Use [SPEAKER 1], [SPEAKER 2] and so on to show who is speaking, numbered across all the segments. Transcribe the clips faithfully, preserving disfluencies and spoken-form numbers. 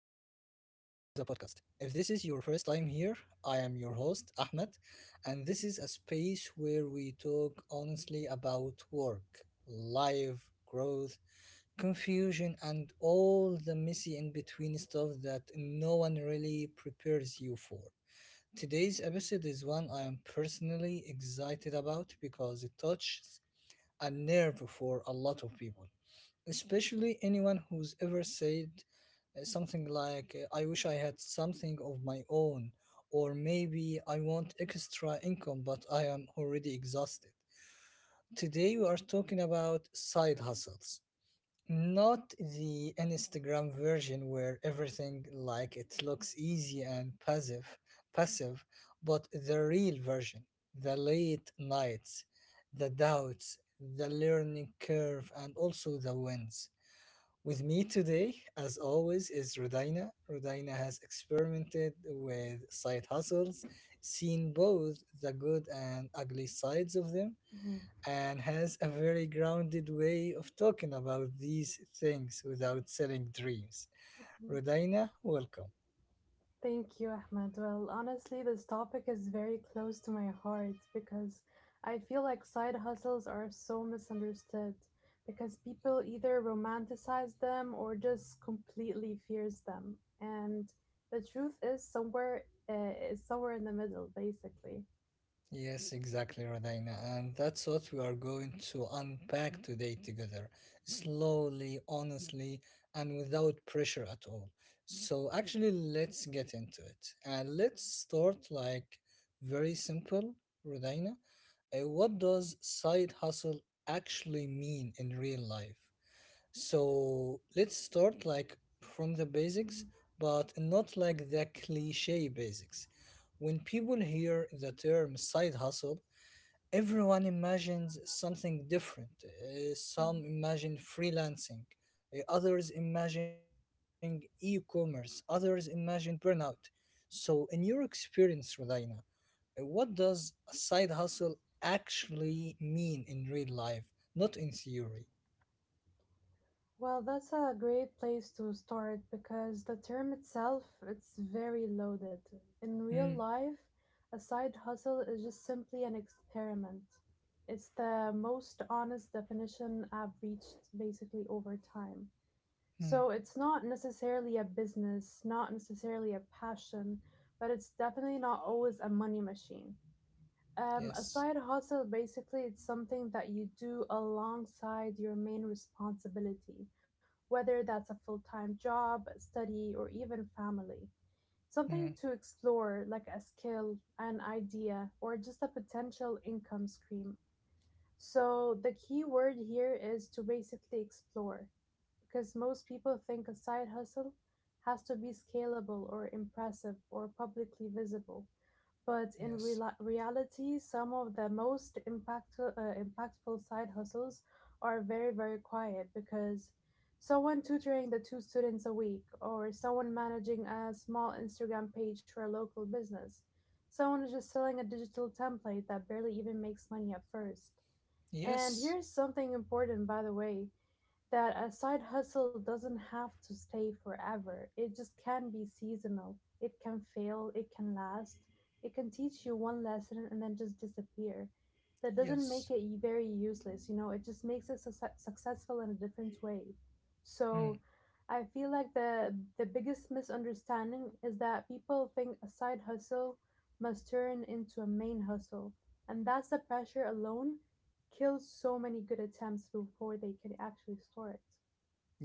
[SPEAKER 1] podcast. If this is your first time here, I am your host, Ahmed, and this is a space where we talk honestly about work, life, growth, confusion, and all the messy in between stuff that no one really prepares you for. Today's episode is one I am personally excited about because it touches a nerve for a lot of people, especially anyone who's ever said uh, something like, uh, I wish I had something of my own, or maybe I want extra income but I am already exhausted. Today we are talking about side hustles. Not the Instagram version where everything like it looks easy and passive passive but the real version. The late nights, the doubts, the learning curve, and also the wins. With me today, as always, is Rodina. Rodina has experimented with side hustles, seen both the good and ugly sides of them,
[SPEAKER 2] Yeah.
[SPEAKER 1] and has a very grounded way of talking about these things without selling dreams. Rodina, welcome.
[SPEAKER 2] Thank you, Ahmed. Well, honestly, this topic is very close to my heart because I feel like side hustles are so misunderstood because people either romanticize them or just completely fears them. And the truth is somewhere uh, is somewhere in the middle, basically.
[SPEAKER 1] Yes, exactly, Rodina. And that's what we are going to unpack today together, slowly, honestly, and without pressure at all. So, actually, let's get into it. And let's start like very simple, Rodina. Uh, what does side hustle actually mean in real life? So let's start like from the basics,
[SPEAKER 2] Mhm.
[SPEAKER 1] but not like the cliche basics. When people hear the term side hustle, everyone imagines something different. Uh, some imagine freelancing, uh, others imagine e commerce, others imagine burnout. So, in your experience, Rodina, uh, what does a side hustle actually mean in real life, not in theory?
[SPEAKER 2] Well, that's a great place to start because the term itself, it's very loaded. In real
[SPEAKER 1] Mm,
[SPEAKER 2] life, a side hustle is just simply an experiment. It's the most honest definition I've reached basically over time.
[SPEAKER 1] mm,
[SPEAKER 2] So it's not necessarily a business, not necessarily a passion, but it's definitely not always a money machine. Um, a
[SPEAKER 1] yes.
[SPEAKER 2] side hustle basically it's something that you do alongside your main responsibility, whether that's a full time job, study, or even family. Something
[SPEAKER 1] Mm,
[SPEAKER 2] to explore, like a skill, an idea, or just a potential income stream. So, the key word here is to basically explore, because most people think a side hustle has to be scalable or impressive or publicly visible but in
[SPEAKER 1] yes.
[SPEAKER 2] reali reality, some of the most impactful, uh, impactful side hustles are very, very quiet because someone tutoring the two students a week, or someone managing a small Instagram page for a local business, someone is just selling a digital template that barely even makes money at first. And
[SPEAKER 1] Yes.
[SPEAKER 2] here's something important, by the way, that a side hustle doesn't have to stay forever. It just can be seasonal. It can fail, it can last, it can teach you one lesson and then just disappear. That doesn't make it
[SPEAKER 1] Yes.
[SPEAKER 2] y- very useless, you know, it just makes it succe- successful in a different way. So
[SPEAKER 1] Mm,
[SPEAKER 2] I feel like the the biggest misunderstanding is that people think a side hustle must turn into a main hustle, and that's the pressure alone kills so many good attempts before they can actually store it.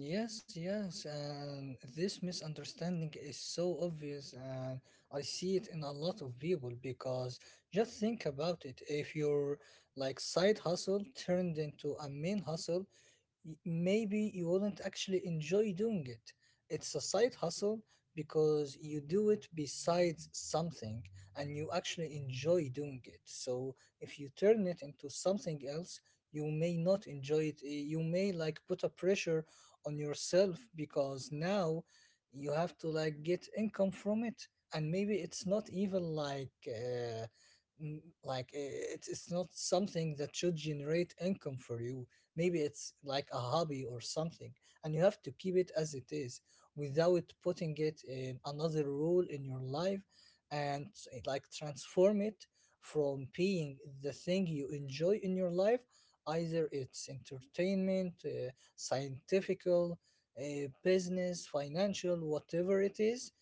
[SPEAKER 1] yes. Yes. And this misunderstanding is so obvious, and I see it in a lot of people because just think about it. If your like side hustle turned into a main hustle, y- maybe you wouldn't actually enjoy doing it. It's a side hustle because you do it besides something and you actually enjoy doing it. So if you turn it into something else, you may not enjoy it. Eh, you may like put a pressure on yourself because now you have to like get income from it. And maybe it's not even like uh, m- like eh, it's it's not something that should generate income for you. Maybe it's like a hobby or something, and you have to keep it as it is without putting it in another role in your life and s- eh, like transform it from being the thing you enjoy in your life, either it's entertainment, uh, scientific, uh, business, financial, whatever it is,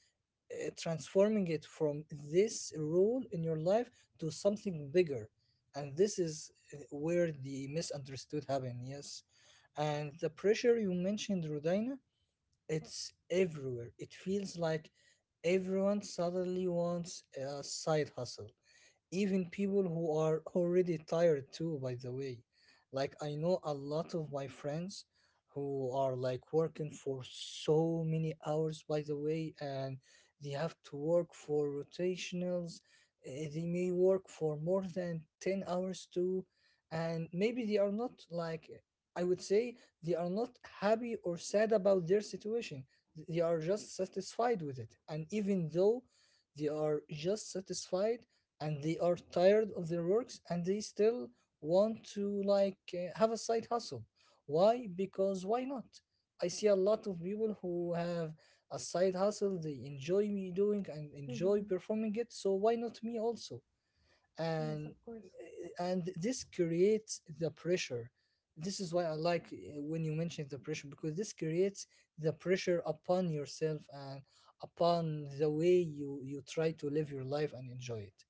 [SPEAKER 1] uh, transforming it from this role in your life to something bigger. And this is uh, where the misunderstood happen. Yes, and the pressure you mentioned, Rodina, it's everywhere. It feels like everyone suddenly wants a side hustle, even people who are already tired too, by the way. Like, I know a lot of my friends who are like working for so many hours by the way, and they have to work for rotationals. Eh, they may work for more than ten hours too, and maybe they are not like, I would say, they are not happy or sad about their situation. They are just satisfied with it. And even though they are just satisfied and they are tired of their works, and they still want to like, uh, have a side hustle. Why? Because why not? I see a lot of people who have a side hustle they enjoy me doing and enjoy
[SPEAKER 2] Mm-hmm.
[SPEAKER 1] performing it, so why not me also?
[SPEAKER 2] Yes, of
[SPEAKER 1] And
[SPEAKER 2] course.
[SPEAKER 1] uh, and this creates the pressure. This is why I like, uh, when you mention the pressure, because this creates the pressure upon yourself and upon the way you you try to live your life and enjoy it.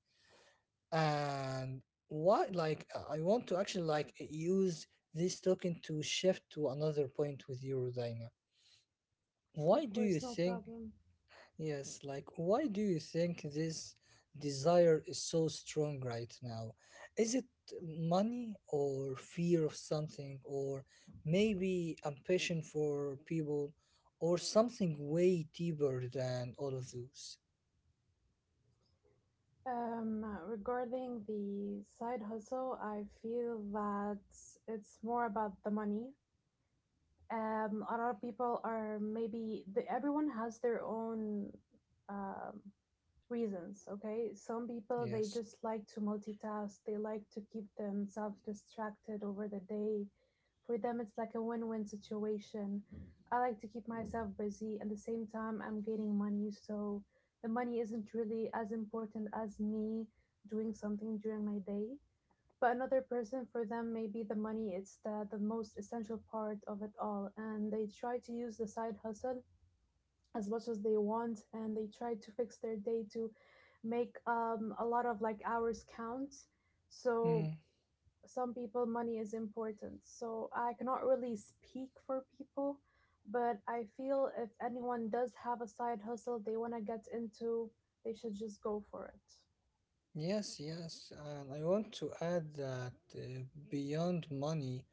[SPEAKER 1] And why like i I want to actually like use this token to shift to another point with you, Rodina.
[SPEAKER 2] Of
[SPEAKER 1] Why do
[SPEAKER 2] course,
[SPEAKER 1] you
[SPEAKER 2] no
[SPEAKER 1] think,
[SPEAKER 2] problem.
[SPEAKER 1] yes, like why do you think this desire is so strong right now? Is it money or fear of something, or maybe ambition for people, or something way deeper than all of those?
[SPEAKER 2] Um, regarding the side hustle, I feel that it's more about the money. Um, a lot of people are maybe the, everyone has their own um, reasons, okay? Some people they
[SPEAKER 1] Yes.
[SPEAKER 2] just like to multitask, they like to keep themselves distracted over the day. For them, it's like a win win situation. I like to keep myself busy, at the same time, I'm gaining money, so the money isn't really as important as me doing something during my day. But another person, for them, maybe the money it's the, the most essential part of it all, and they try to use the side hustle as much as they want and they try to fix their day to make um, a lot of like hours count so
[SPEAKER 1] Hmm.
[SPEAKER 2] some people money is important so I cannot really speak for people but I feel if anyone does have a side hustle they want to get into they should just go for it.
[SPEAKER 1] Yes, yes, and I want to add that, uh, beyond money,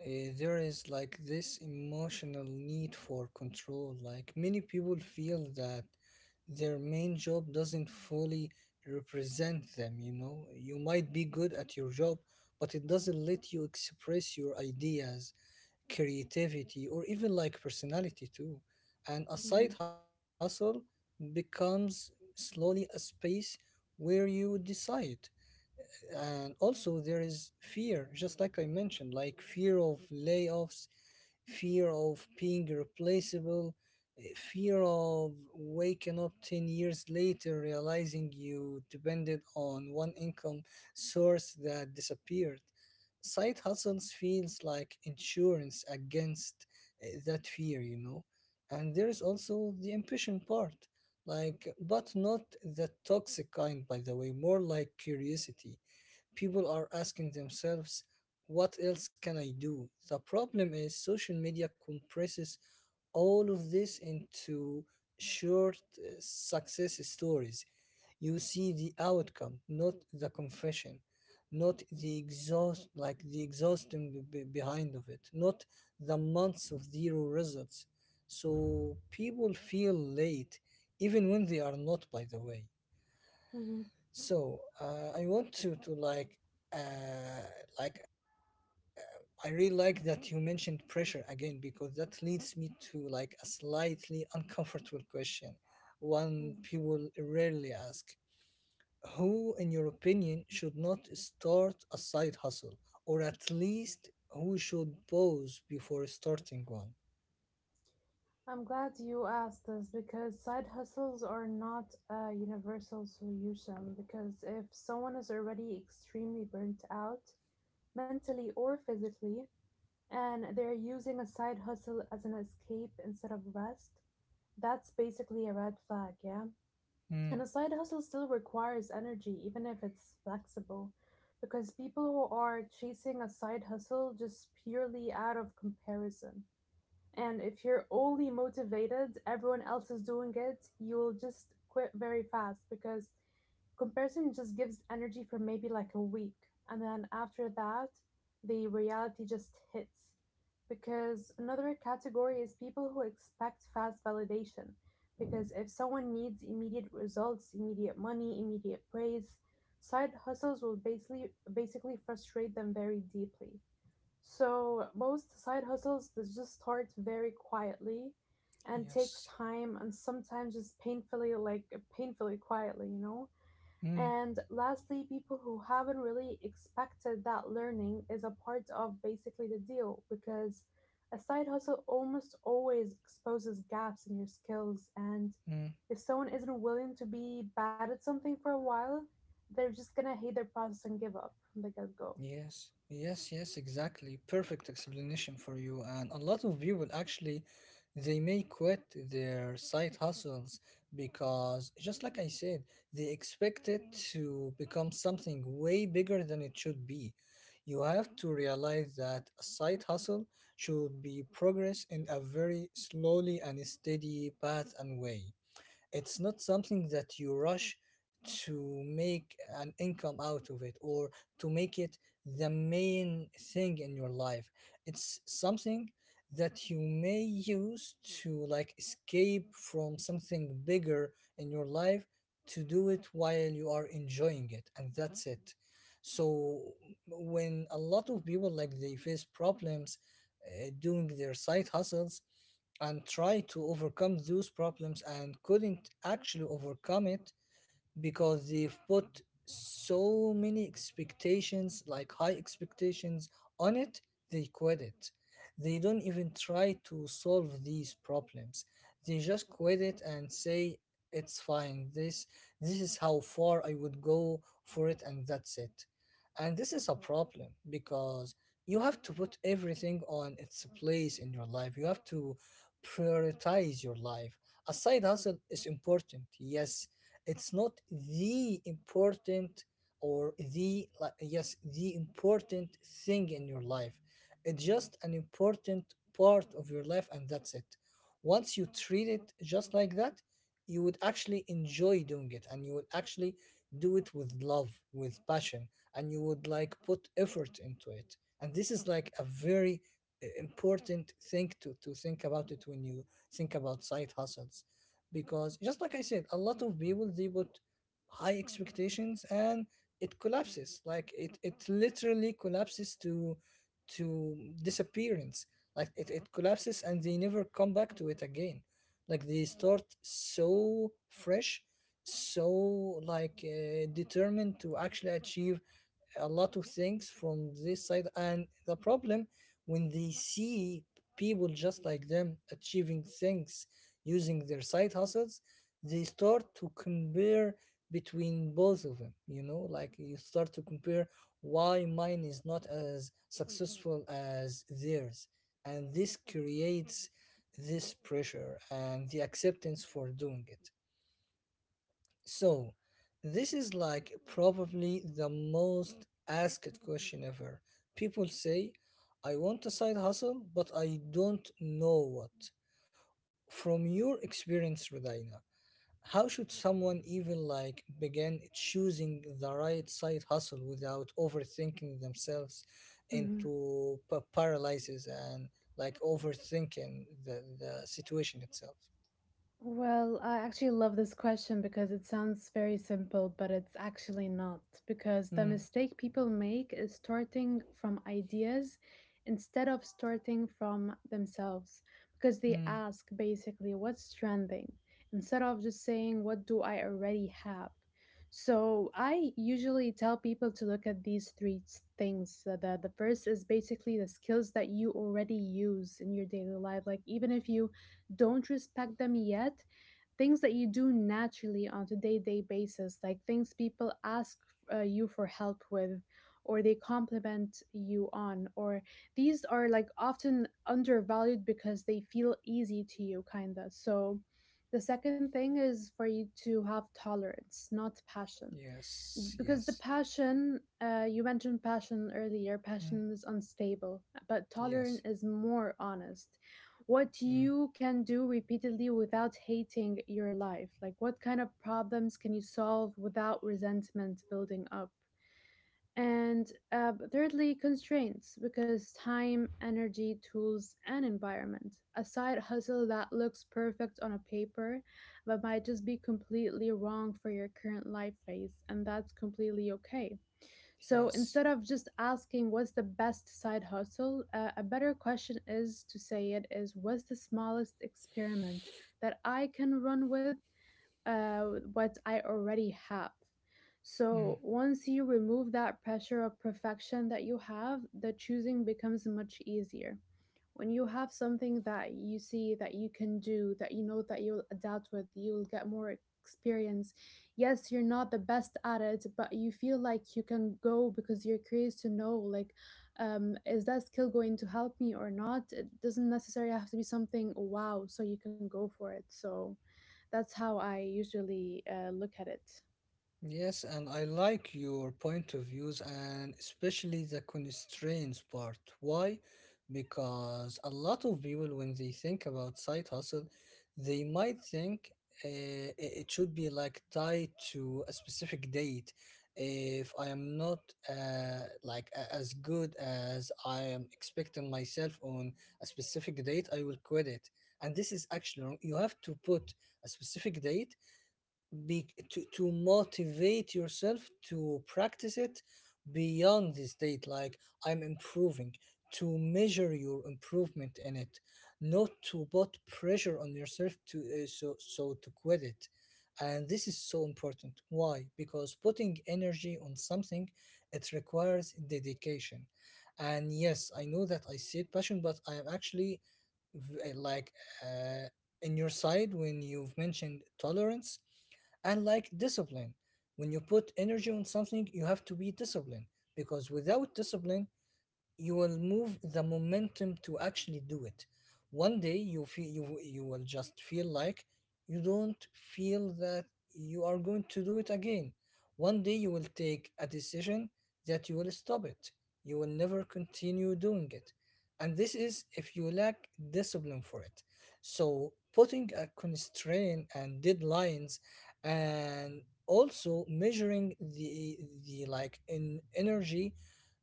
[SPEAKER 1] uh, there is like this emotional need for control. Like many people feel that their main job doesn't fully represent them, you know. You might be good at your job, but it doesn't let you express your ideas, creativity, or even like personality too. And a side
[SPEAKER 2] Mhm,
[SPEAKER 1] hustle becomes slowly a space where you decide. And also there is fear, just like I mentioned, like fear of layoffs, fear of being replaceable, eh, fear of waking up ten years later realizing you depended on one income source that disappeared. Side hustles feels like insurance against, eh, that fear, you know. And there is also the ambition part, like, but not the toxic kind, by the way, more like curiosity. People are asking themselves, what else can I do? The problem is social media compresses all of this into short uh, success stories. You see the outcome, not the confession, not the exhaust, like the exhausting be- be- behind of it, not the months of zero results. So people feel late, even when they are not, by the way.
[SPEAKER 2] mhm,
[SPEAKER 1] So uh, I want to to like uh, like uh, I really like that you mentioned pressure again, because that leads me to like a slightly uncomfortable question, one
[SPEAKER 2] mhm.
[SPEAKER 1] people rarely ask. Who, in your opinion, should not start a side hustle, or at least who should pause before starting one?
[SPEAKER 2] I'm glad you asked this because side hustles are not a universal solution. Because if someone is already extremely burnt out mentally or physically, and they're using a side hustle as an escape instead of rest, that's basically a red flag, yeah? And
[SPEAKER 1] Mm,
[SPEAKER 2] a side hustle still requires energy, even if it's flexible, because people who are chasing a side hustle just purely out of comparison. And if you're only motivated, everyone else is doing it, you'll just quit very fast because comparison just gives energy for maybe like a week and then after that the reality just hits because another category is people who expect fast validation because if someone needs immediate results immediate money immediate praise side hustles will basically basically frustrate them very deeply so most side hustles they just start very quietly and takes
[SPEAKER 1] yes.
[SPEAKER 2] time and sometimes just painfully like painfully quietly you know.
[SPEAKER 1] Mm,
[SPEAKER 2] And lastly, people who haven't really expected that learning is a part of basically the deal because a side hustle almost always exposes gaps in your skills. And
[SPEAKER 1] mm.
[SPEAKER 2] if someone isn't willing to be bad at something for a while, they're just gonna hate their process and give up. They gotta go.
[SPEAKER 1] Yes, yes, yes, exactly. Perfect explanation for you. And a lot of people actually, they may quit their side hustles because, just like I said, they expect it to become something way bigger than it should be. You have to realize that a side hustle should be progress in a very slowly and steady path and way. It's not something that you rush to make an income out of it, or to make it the main thing in your life. It's something that you may use to like escape from something bigger in your life, to do it while you are enjoying it, and that's it. So when a lot of people like they face problems uh, doing their side hustles and try to overcome those problems and couldn't actually overcome it because they've put so many expectations, like high expectations, on it, they quit it. They don't even try to solve these problems. They just quit it and say it's fine. This this is how far I would go for it, and that's it. And this is a problem because you have to put everything on its place in your life. You have to prioritize your life. A side hustle is important. Yes, it's not the important or the, like, yes, the important thing in your life. It's just an important part of your life, and that's it. Once you treat it just like that, you would actually enjoy doing it, and you would actually do it with love, with passion, and you would like put effort into it. And this is like a very uh, important thing to, to think about it when you think about side hustles, because just like I said, a lot of people they put high expectations, and it collapses. Like it, it literally collapses to to disappearance. Like it, it collapses and they never come back to it again. Like they start so fresh, so like uh, determined to actually achieve a lot of things from this side. And the problem, when they see people just like them achieving things using their side hustles, they start to compare between both of them, you know, like you start to compare why mine is not as successful as theirs. And this creates this pressure and the acceptance for doing it. So, this is like probably the most asked question ever. People say, I want a side hustle, but I don't know what. From your experience, Rodina, how should someone even like begin choosing the right side hustle without overthinking themselves into pa- paralysis and like overthinking the, the situation itself?
[SPEAKER 2] Well, I actually love this question because it sounds very simple, but it's actually not. Because the
[SPEAKER 1] Mm,
[SPEAKER 2] mistake people make is starting from ideas instead of starting from themselves. Because they
[SPEAKER 1] mm,
[SPEAKER 2] ask basically what's trending instead of just saying what do I already have. So I usually tell people to look at these three s- things. So The the first is basically the skills that you already use in your daily life. Like even if you don't respect them yet, things that you do naturally on a day-to-day basis, like things people ask uh, you for help with or they compliment you on, or these are like often undervalued because they feel easy to you kinda. So the second thing is for you to have tolerance not passion
[SPEAKER 1] yes,
[SPEAKER 2] because the
[SPEAKER 1] yes,
[SPEAKER 2] passion uh, you mentioned passion earlier,
[SPEAKER 1] mm,
[SPEAKER 2] passion is unstable but tolerance
[SPEAKER 1] yes.
[SPEAKER 2] is more honest. What
[SPEAKER 1] Mm,
[SPEAKER 2] you can do repeatedly without hating your life, like what kind of problems can you solve without resentment building up. And uh, but thirdly, constraints, because time, energy, tools, and environment. A side hustle that looks perfect on a paper but might just be completely wrong for your current life phase, and that's completely okay. So
[SPEAKER 1] yes.
[SPEAKER 2] instead of just asking what's the best side hustle, uh, a better question is to say it is what's the smallest experiment that I can run with uh, what I already have. So
[SPEAKER 1] Mm,
[SPEAKER 2] once you remove that pressure of perfection that you have, the choosing becomes much easier. When you have something that you see that you can do, that you know that you'll adapt with, you'll get more experience. Yes, you're not the best at it, but you feel like you can go because you're curious to know like um is that skill going to help me or not? It doesn't necessarily have to be something wow, so you can go for it. So that's how I usually uh, look at it.
[SPEAKER 1] yes, and I like your point of views, and especially the constraints part. Why? Because a lot of people, when they think about side hustle, they might think, uh, i- it should be like tied to a specific date. If I am not, uh, like a- as good as I am expecting myself on a specific date, I will quit it. And this is actually wrong. You have to put a specific date be, to, to motivate yourself to practice it beyond the state like I'm improving, to measure your improvement in it, not to put pressure on yourself to uh, so so to quit it. And this is so important. Why? Because putting energy on something, it requires dedication. And yes, I know that I said passion, but I am actually v- eh, like uh, in your side when you've mentioned tolerance and like discipline. When you put energy on something, you have to be disciplined, because without discipline, you will move the momentum to actually do it. One day you feel, you you will just feel like you don't feel that you are going to do it again. One day you will take a decision that you will stop it, you will never continue doing it. And this is if you lack discipline for it. So putting a constraint and deadlines, and also measuring the the like in energy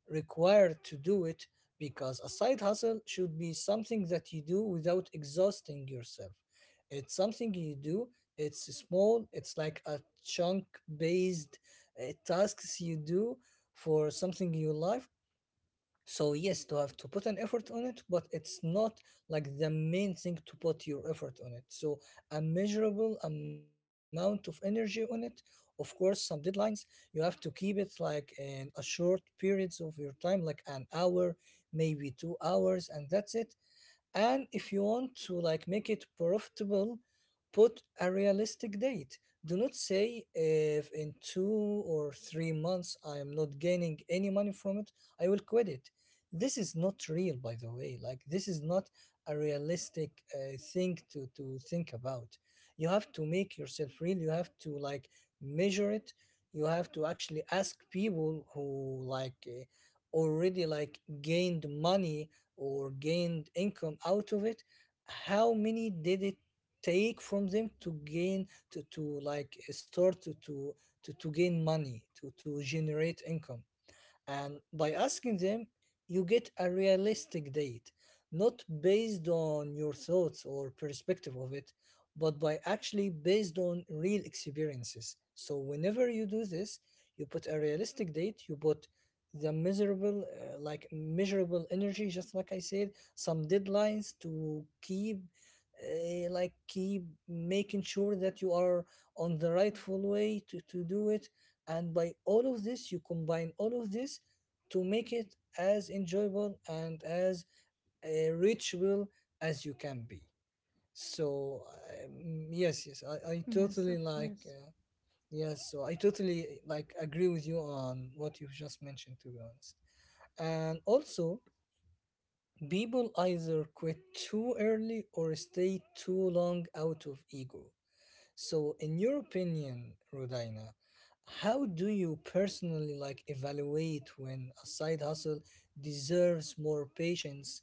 [SPEAKER 1] required to do it, because a side hustle should be something that you do without exhausting yourself. It's something you do, it's small, it's like a chunk based tasks you do for something in your life. So yes, to have to put an effort on it, but it's not like the main thing to put your effort on it. So a measurable amount of energy on it. Of course, some deadlines you have to keep it like in a short periods of your time, like an hour, maybe two hours, and that's it. And if you want to like make it profitable, put a realistic date. Do not say if in two or three months I am not gaining any money from it, I will quit it. This is not real, by the way. Like this is not a realistic uh, thing to to think about. You have to make yourself real, you have to like measure it. You have to actually ask people who like eh, already like gained money or gained income out of it, how many did it take from them to gain, to, to like start to, to to to gain money, to to generate income. And by asking them, you get a realistic date, not based on your thoughts or perspective of it, but by actually based on real experiences. So whenever you do this, you put a realistic date, you put the miserable, uh, like measurable energy, just like I said, some deadlines to keep, uh, like keep making sure that you are on the rightful way to, to do it. And by all of this, you combine all of this to make it as enjoyable and as uh, ritual as you can be. So um, yes yes i, I
[SPEAKER 2] Yes,
[SPEAKER 1] totally
[SPEAKER 2] of
[SPEAKER 1] like
[SPEAKER 2] course.
[SPEAKER 1] uh, yes so I totally like agree with you on what you've just mentioned, to be honest. And also, people either quit too early or stay too long out of ego. So, in your opinion, Rodina, how do you personally like evaluate when a side hustle deserves more patience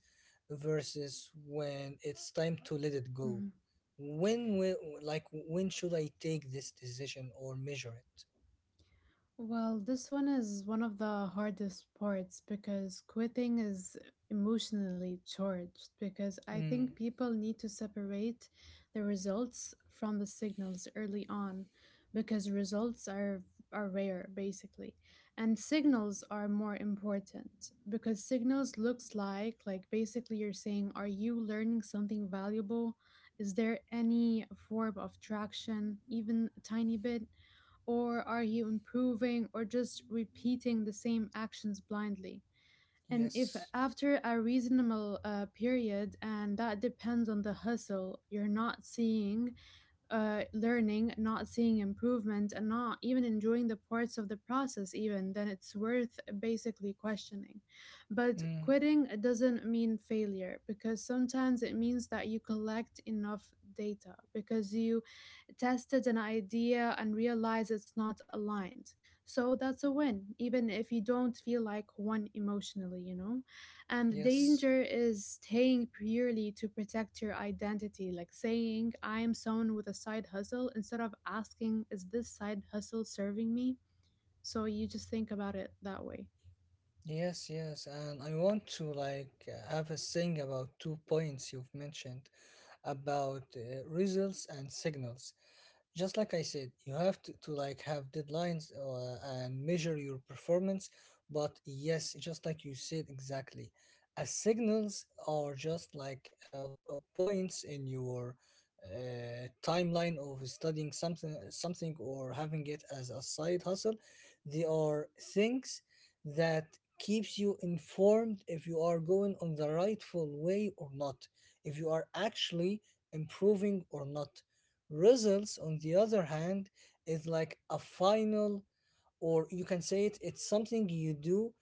[SPEAKER 1] versus when it's time to let it go?
[SPEAKER 2] Mhm.
[SPEAKER 1] When will, like when should I take this decision or measure it?
[SPEAKER 2] Well, this one is one of the hardest parts because quitting is emotionally charged. Because I
[SPEAKER 1] Mm,
[SPEAKER 2] think people need to separate the results from the signals early on, because results are are rare basically, and signals are more important because signals looks like like basically you're saying, are you learning something valuable? Is there any form of traction, even a tiny bit? Or are you improving or just repeating the same actions blindly? And if
[SPEAKER 1] yes.
[SPEAKER 2] after a reasonable uh, period, and that depends on the hustle, you're not seeing uh, learning, not seeing improvement, and not even enjoying the parts of the process, even, then it's worth basically questioning. But
[SPEAKER 1] Mm,
[SPEAKER 2] quitting doesn't mean failure because sometimes it means that you collect enough data because you tested an idea and realize it's not aligned. So that's a win, even if you don't feel like one emotionally, you know? And the
[SPEAKER 1] yes.
[SPEAKER 2] danger is staying purely to protect your identity, like saying, I am someone with a side hustle, instead of asking, is this side hustle serving me? So you just think about it that way.
[SPEAKER 1] Yes, yes. And I want to like uh, have a thing about two points you've mentioned about uh, results and signals. Just like I said, you have to, to like have deadlines uh, and measure your performance. But yes, just like you said exactly, as signals are just like uh, uh, points in your uh, timeline of studying something, something or having it as a side hustle. They are things that keeps you informed if you are going on the rightful way or not, if you are actually improving or not. Results, on the other hand, is like a final, or you can say it, it's something you do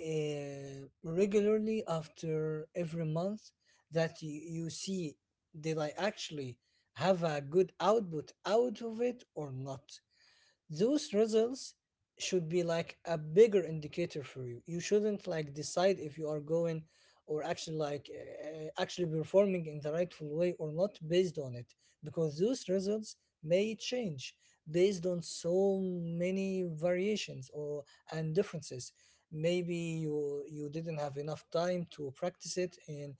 [SPEAKER 1] uh, regularly after every month, that you, you see, did I actually have a good output out of it or not. Those results should be like a bigger indicator for you. You shouldn't like decide if you are going or actually like uh, actually performing in the rightful way or not based on it, because those results may change based on so many variations or and differences. Maybe you you didn't have enough time to practice it in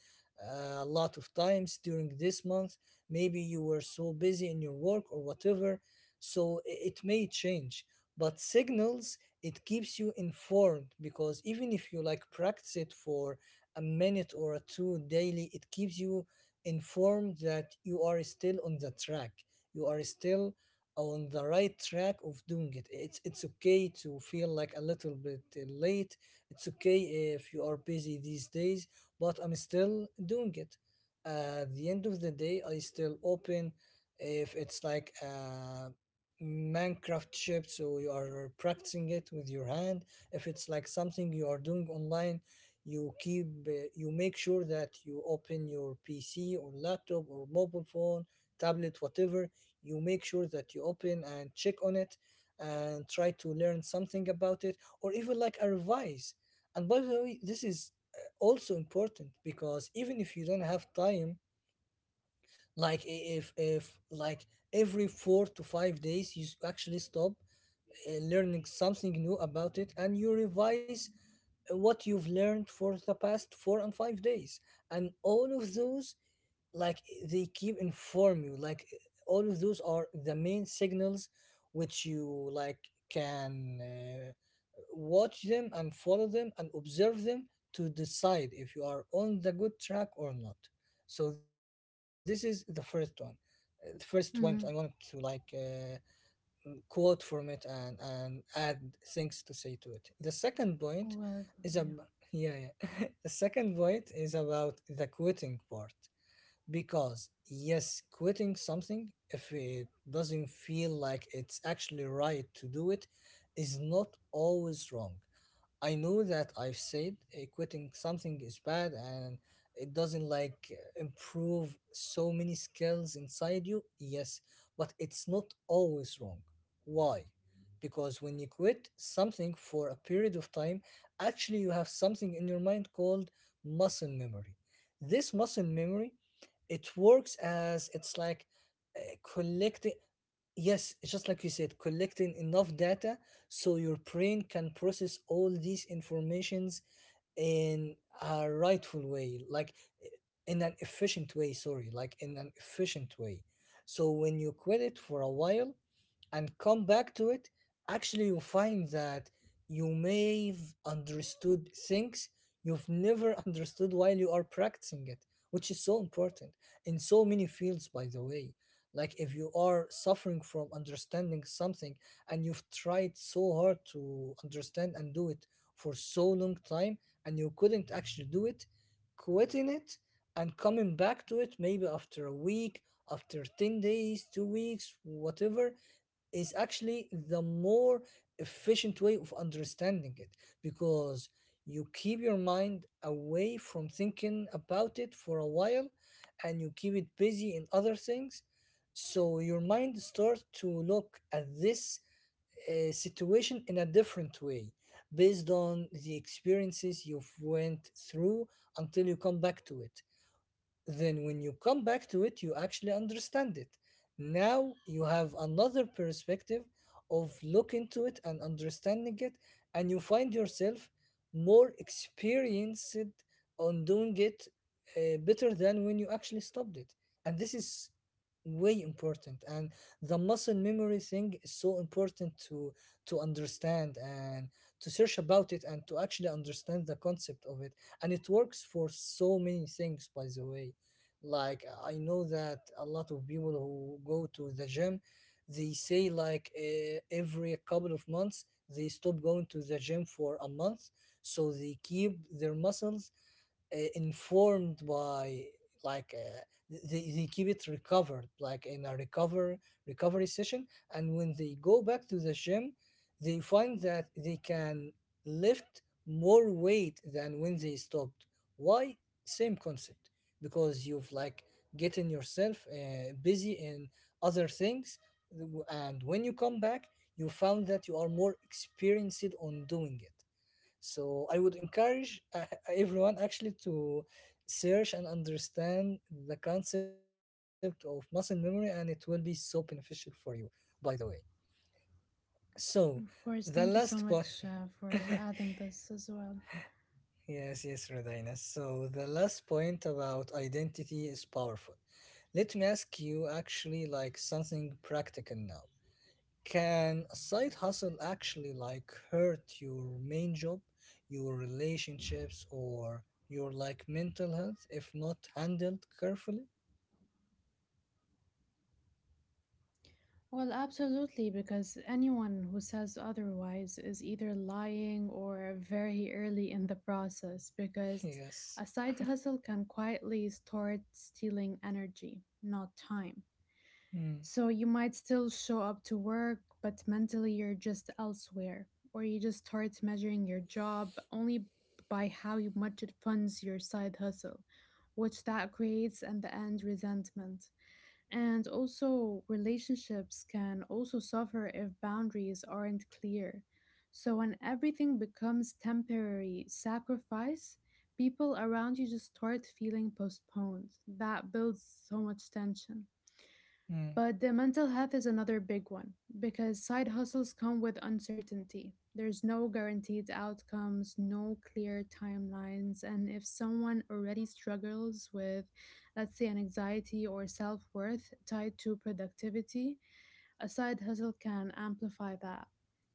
[SPEAKER 1] a lot of times during this month, maybe you were so busy in your work or whatever. So i- it may change. But signals, it keeps you informed, because even if you like practice it for a minute or a two daily, it keeps you informed that you are still on the track. You are still on the right track of doing it. it's it's okay to feel like a little bit uh, late. It's okay if you are busy these days, but I'm still doing it. At the end of the day, I still open. If it's like a Minecraft shape, so you are practicing it with your hand. If it's like something you are doing online, you keep uh, you make sure that you open your P C or laptop or mobile phone, tablet, whatever. You make sure that you open and check on it and try to learn something about it or even like a revise. And by the way, this is uh, also important, because even if you don't have time, like i- if if like every four to five days you s- actually stop uh, learning something new about it and you revise what you've learned for the past four and five days. And all of those like, they keep inform you like, all of those are the main signals, which you like can uh, watch them and follow them and observe them to decide if you are on the good track or not. So this is the first one. Uh, the first point I wanted to
[SPEAKER 2] Mhm.
[SPEAKER 1] like uh, quote from it and and add things to say to it. The second point
[SPEAKER 2] Well,
[SPEAKER 1] is a
[SPEAKER 2] yeah.
[SPEAKER 1] yeah, yeah. The second point is about the quitting part, because yes, quitting something if it doesn't feel like it's actually right to do it is not always wrong. I know that I've said uh, quitting something is bad and it doesn't like improve so many skills inside you. Yes, but it's not always wrong. Why? Because when you quit something for a period of time, actually you have something in your mind called muscle memory. This muscle memory, it works as it's like uh, collecting. Yes, just like you said, collecting enough data so your brain can process all these informations in a rightful way, like eh, in an efficient way, sorry, like in an efficient way. So when you quit it for a while and come back to it, actually you find that you may have understood things you've never understood while you are practicing it, which is so important in so many fields, by the way. Like if you are suffering from understanding something and you've tried so hard to understand and do it for so long time and you couldn't actually do it, quitting it and coming back to it maybe after a week, after ten days, two weeks, whatever, is actually the more efficient way of understanding it. Because you keep your mind away from thinking about it for a while and you keep it busy in other things, so your mind starts to look at this uh, situation in a different way based on the experiences you've went through until you come back to it. Then when you come back to it, you actually understand it. Now you have another perspective of look into it and understanding it, and you find yourself more experienced on doing it uh, better than when you actually stopped it. And this is way important. And the muscle memory thing is so important to to understand and to search about it and to actually understand the concept of it. And it works for so many things, by the way. Like I know that a lot of people who go to the gym, they say like uh, every couple of months they stop going to the gym for a month, so they keep their muscles uh, informed by like uh, they, they keep it recovered like in a recover recovery session. And when they go back to the gym, they find that they can lift more weight than when they stopped. Why? Same concept. Because you've like getting yourself uh, busy in other things, and when you come back, you found that you are more experienced on doing it. So I would encourage uh, everyone actually to search and understand the concept of muscle memory, and it will be so beneficial for you, by the way. So
[SPEAKER 2] Of
[SPEAKER 1] the
[SPEAKER 2] course, thank you
[SPEAKER 1] last
[SPEAKER 2] so
[SPEAKER 1] point,
[SPEAKER 2] much uh, for adding this as well.
[SPEAKER 1] yes, yes, Rodina. So the last point about identity is powerful. Let me ask you actually like something practical now. Can a side hustle actually like hurt your main job, your relationships, or your like mental health if not handled carefully?
[SPEAKER 2] Well, absolutely, because anyone who says otherwise is either lying or very early in the process, because
[SPEAKER 1] Yes.
[SPEAKER 2] a side hustle can quietly start stealing energy, not time.
[SPEAKER 1] Mm,
[SPEAKER 2] So you might still show up to work, but mentally you're just elsewhere, or you just start measuring your job only by how much it funds your side hustle, which that creates in the end resentment. And also, relationships can also suffer if boundaries aren't clear. So, when everything becomes temporary sacrifice, people around you just start feeling postponed. That builds so much tension.
[SPEAKER 1] mm.
[SPEAKER 2] But the mental health is another big one because side hustles come with uncertainty. There's no guaranteed outcomes, no clear timelines, and if someone already struggles with, let's say, an anxiety or self worth tied to productivity, a side hustle can amplify that.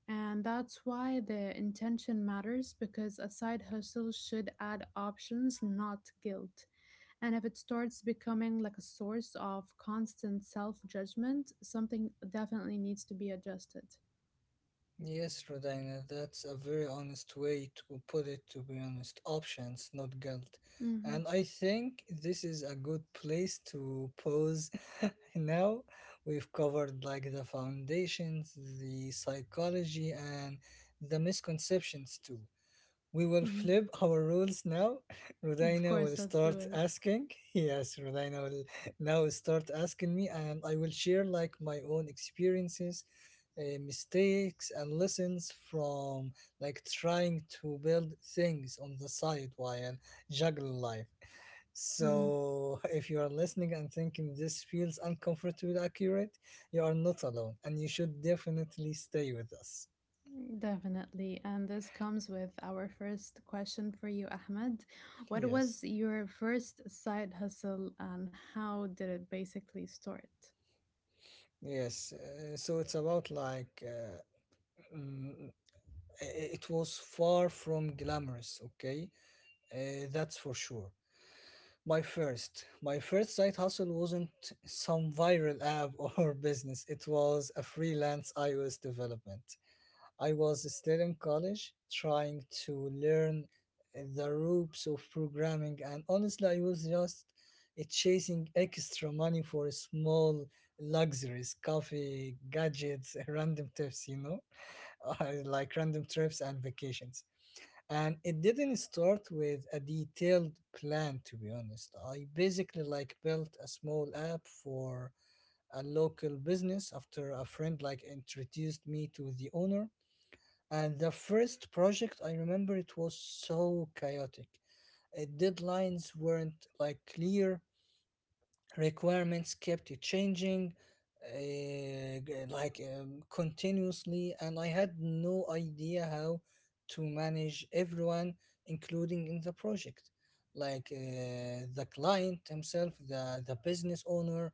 [SPEAKER 2] And that's why the intention matters because a side hustle should add options, not guilt. And if it starts becoming like a source of constant self judgment, something definitely needs to be adjusted.
[SPEAKER 1] Yes, Rodina, that's a very honest way to put it, to be honest. Options, not guilt.
[SPEAKER 2] Hmm.
[SPEAKER 1] And I think this is a good place to pause. now we've covered like the foundations, the psychology, and the misconceptions too. We will
[SPEAKER 2] Hmm.
[SPEAKER 1] flip our rules now.
[SPEAKER 2] Of
[SPEAKER 1] Rodina will
[SPEAKER 2] course, let's do
[SPEAKER 1] start
[SPEAKER 2] it.
[SPEAKER 1] asking. Yes, Rodina will now start asking me, and I will share like my own experiences uh, mistakes and lessons from like trying to build things on the side while juggling life.
[SPEAKER 2] Hmm.
[SPEAKER 1] So, if you are listening and thinking this feels uncomfortable, accurate, you are not alone and you should definitely stay with us.
[SPEAKER 2] Definitely. And this comes with our first question for you, Ahmed. What
[SPEAKER 1] Yes.
[SPEAKER 2] was your first side hustle and how did it basically start?
[SPEAKER 1] Yes, uh, so it's about like uh, mm, i- i- it was far from glamorous, okay? Uh, that's for sure. My first, my first side hustle wasn't some viral app or business. It was a freelance iOS development. I was still in college trying to learn the ropes of programming, and honestly I was just eh, chasing extra money for small luxuries, coffee, gadgets, random tips, you know, like random trips and vacations. And it didn't start with a detailed plan, to be honest. I basically like built a small app for a local business after a friend like introduced me to the owner. And the first project, I remember it was so chaotic. Uh, deadlines weren't like clear, requirements kept changing uh, like um, continuously, and I had no idea how to manage everyone including in the project, like uh, the client himself, the the business owner,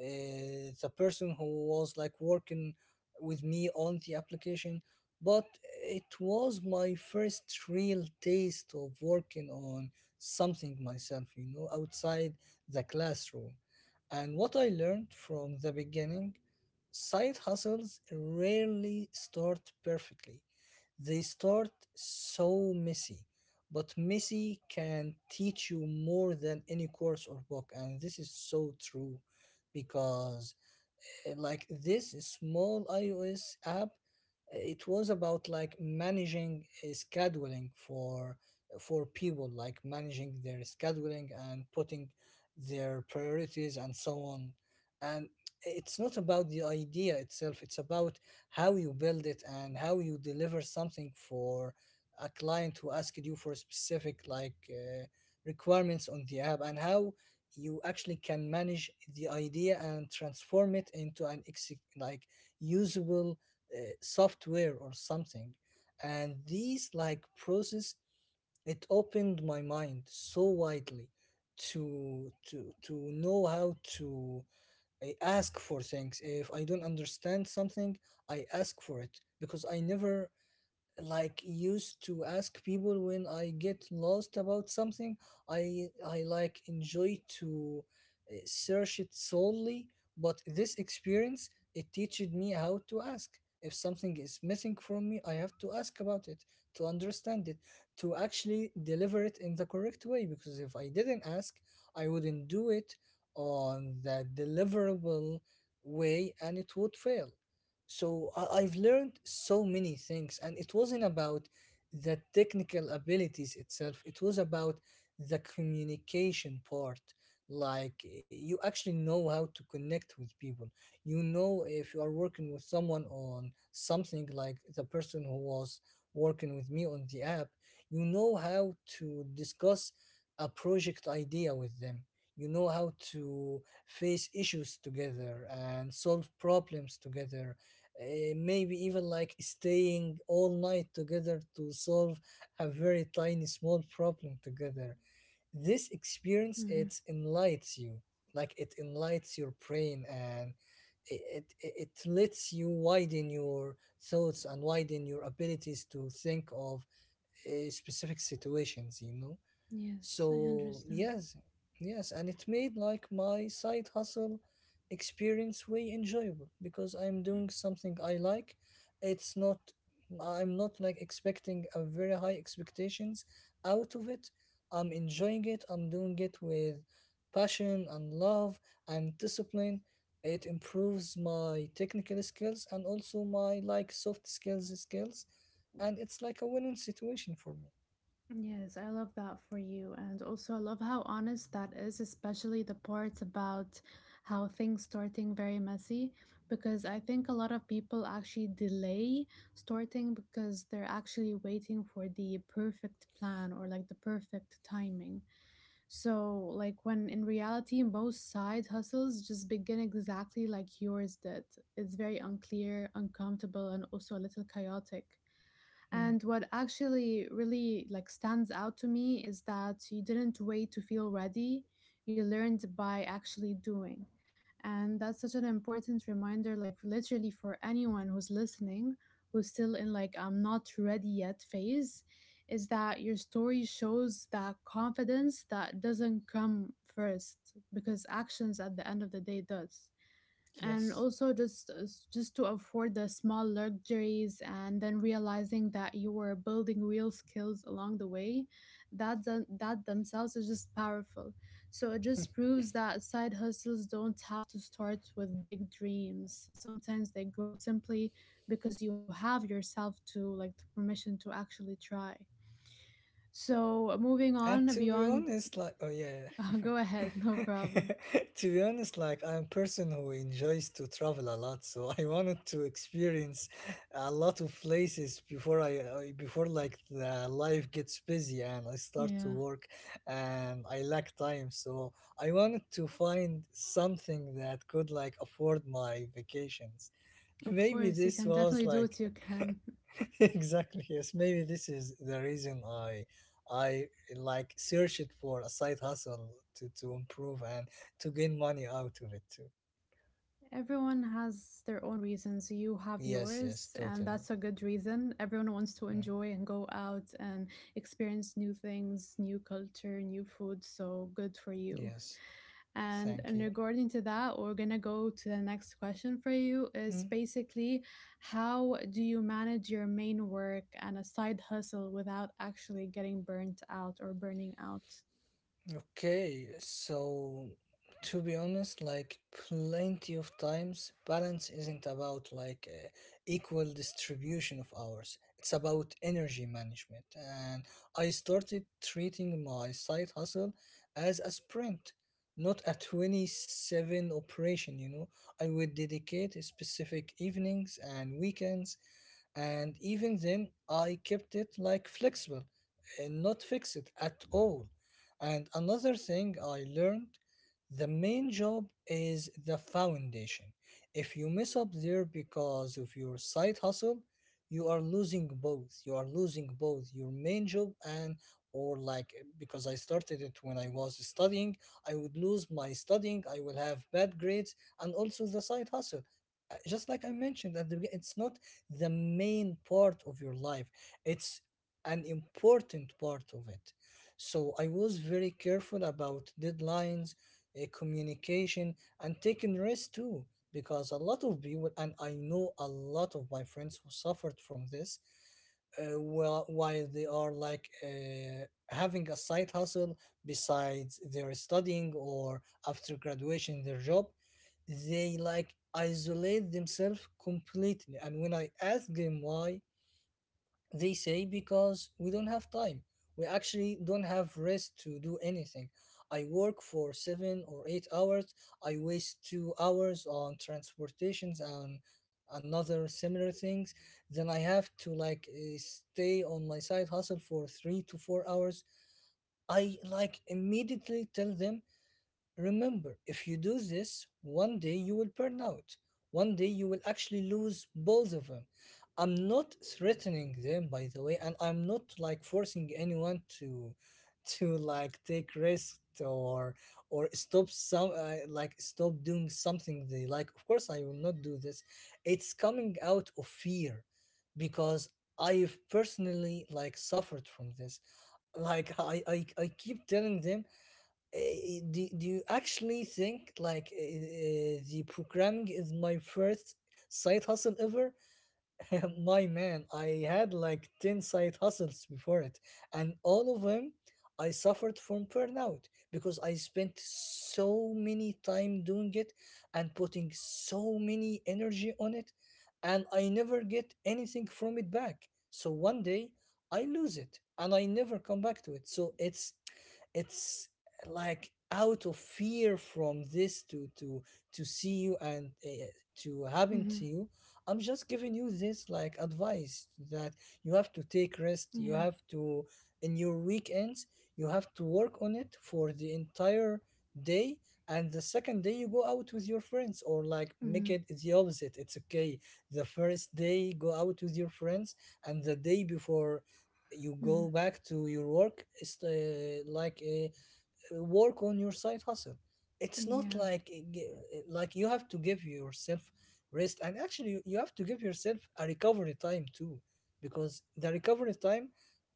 [SPEAKER 1] uh, the person who was like working with me on the application. But it was my first real taste of working on something myself, you know, outside the classroom. And what I learned from the beginning: side hustles rarely start perfectly, they start so messy. But messy can teach you more than any course or book, and this is so true. Because uh, like this small iOS app, uh, it was about like managing uh, scheduling for for people, like managing their scheduling and putting their priorities and so on. And it's not about the idea itself; it's about how you build it and how you deliver something for a client who asked you for specific like uh, requirements on the app, and how you actually can manage the idea and transform it into an exe- like usable uh, software or something. And these like process, it opened my mind so widely to to to know how to uh, ask for things. If I don't understand something, I ask for it, because I never like used to ask people when I get lost about something. I I like enjoy to uh, search it solely, but this experience, it teaches me how to ask. If something is missing from me, I have to ask about it to understand it, to actually deliver it in the correct way. Because if I didn't ask, I wouldn't do it on the deliverable way, and it would fail. So I- I've learned so many things, and it wasn't about the technical abilities itself, it was about the communication part. Like, you actually know how to connect with people. You know, if you are working with someone on something, like the person who was working with me on the app, you know how to discuss a project idea with them. You know how to face issues together and solve problems together, uh, maybe even like staying all night together to solve a very tiny small problem together. This experience,
[SPEAKER 2] Hmm.
[SPEAKER 1] it enlightens you, like it enlightens your brain, and it, it it it lets you widen your thoughts and widen your abilities to think of uh, specific situations, you know.
[SPEAKER 2] Yes, I
[SPEAKER 1] So
[SPEAKER 2] understand.
[SPEAKER 1] yes, yes, and it made like my side hustle experience way enjoyable because I'm doing something I like. It's not, I'm not like expecting a very high expectations out of it. I'm enjoying it. I'm doing it with passion and love and discipline. It improves my technical skills and also my like soft skills skills, and it's like a winning situation for me.
[SPEAKER 2] Yes, I love that for you. And also, I love how honest that is, especially the part about how things starting very messy, because I think a lot of people actually delay starting because they're actually waiting for the perfect plan or like the perfect timing. So, like, when in reality, most side hustles just begin exactly like yours did. It's very unclear, uncomfortable, and also a little chaotic.
[SPEAKER 1] Mm,
[SPEAKER 2] And what actually really like stands out to me is that you didn't wait to feel ready. You learned by actually doing. And that's such an important reminder, like literally for anyone who's listening, who's still in like I'm not ready yet phase, is that your story shows that confidence that doesn't come first because actions at the end of the day does. And
[SPEAKER 1] yes.
[SPEAKER 2] also just just to afford the small luxuries and then realizing that you were building real skills along the way, that th- that themselves is just powerful. So it just proves that side hustles don't have to start with big dreams. Sometimes they grow simply because you have yourself to like the permission to actually try. So moving
[SPEAKER 1] And
[SPEAKER 2] on
[SPEAKER 1] to be
[SPEAKER 2] beyond…
[SPEAKER 1] honest, like, oh yeah,
[SPEAKER 2] Go ahead, no problem.
[SPEAKER 1] to be honest, like, I'm a person who enjoys to travel a lot, so I wanted to experience a lot of places before I, uh, before like the life gets busy and I start to
[SPEAKER 2] Yeah,
[SPEAKER 1] work and I lack time. So I wanted to find something that could like afford my vacations.
[SPEAKER 2] of
[SPEAKER 1] Maybe
[SPEAKER 2] course, you
[SPEAKER 1] this
[SPEAKER 2] can
[SPEAKER 1] was
[SPEAKER 2] definitely do
[SPEAKER 1] like
[SPEAKER 2] what you can.
[SPEAKER 1] exactly, yes, maybe this is the reason i i like search it for a side hustle to to improve and to gain money out of it too.
[SPEAKER 2] Everyone has their own reasons. You have
[SPEAKER 1] Yes,
[SPEAKER 2] yours,
[SPEAKER 1] yes,
[SPEAKER 2] and that's a
[SPEAKER 1] totally.
[SPEAKER 2] good reason. Everyone wants to
[SPEAKER 1] Mm,
[SPEAKER 2] enjoy and go out and experience new things, new culture, new food. So good for you.
[SPEAKER 1] yes.
[SPEAKER 2] And
[SPEAKER 1] Thank
[SPEAKER 2] in
[SPEAKER 1] you.
[SPEAKER 2] regarding to that, we're gonna go to the next question for you is
[SPEAKER 1] Mm.
[SPEAKER 2] basically, how do you manage your main work and a side hustle without actually getting burnt out or burning out?
[SPEAKER 1] Okay, so to be honest, like plenty of times, balance isn't about like uh, equal distribution of hours. It's about energy management, and I started treating my side hustle as a sprint, not a twenty-seven operation. You know, I would dedicate specific evenings and weekends, and even then, I kept it like flexible and not fixed at all. And another thing I learned: the main job is the foundation. If you mess up there because of your side hustle, you are losing both. You are losing both your main job and, or like because I started it when I was studying, I would lose my studying, I will have bad grades and also the side hustle. Uh, Just like I mentioned at the beginning, it's not the main part of your life. It's an important part of it. So I was very careful about deadlines, uh, communication, and taking risks too. Because a lot of people, and I know a lot of my friends who suffered from this, uh, well, while they are like uh, having a side hustle besides their studying or after graduation their job, they like isolate themselves completely. And when I ask them why, they say because we don't have time. We actually don't have rest to do anything. I work for seven or eight hours. I waste two hours on transportations and another similar things. Then I have to like eh, stay on my side hustle for three to four hours. I like immediately tell them, remember, if you do this, one day you will burn out. One day you will actually lose both of them. I'm not threatening them, by the way, and I'm not like forcing anyone to, to like take risks or or stop some uh, like stop doing something they like. Of course, I will not do this. It's coming out of fear, because I've personally like suffered from this. Like I I, I keep telling them, uh, do, do you actually think like uh, the programming is my first side hustle ever? My man, I had like ten side hustles before it, and all of them I suffered from burnout because I spent so many time doing it and putting so many energy on it, and I never get anything from it back. So one day I lose it and I never come back to it. So it's it's like out of fear from this to to to see you, and uh, to happen to
[SPEAKER 2] Mhm.
[SPEAKER 1] you. I'm just giving you this like advice that you have to take rest. You
[SPEAKER 2] Yeah.
[SPEAKER 1] have to, in your weekends, you have to work on it for the entire day. And the second day, you go out with your friends, or like make
[SPEAKER 2] Mhm.
[SPEAKER 1] it the opposite. It's okay. The first day, go out with your friends, and the day before, you
[SPEAKER 2] Mhm.
[SPEAKER 1] go back to your work. Is uh, like uh, uh, work on your side hustle it's not
[SPEAKER 2] Yeah.
[SPEAKER 1] like uh, gi- uh, like you have to give yourself rest, and actually you you have to give yourself a recovery time too. Because the recovery time,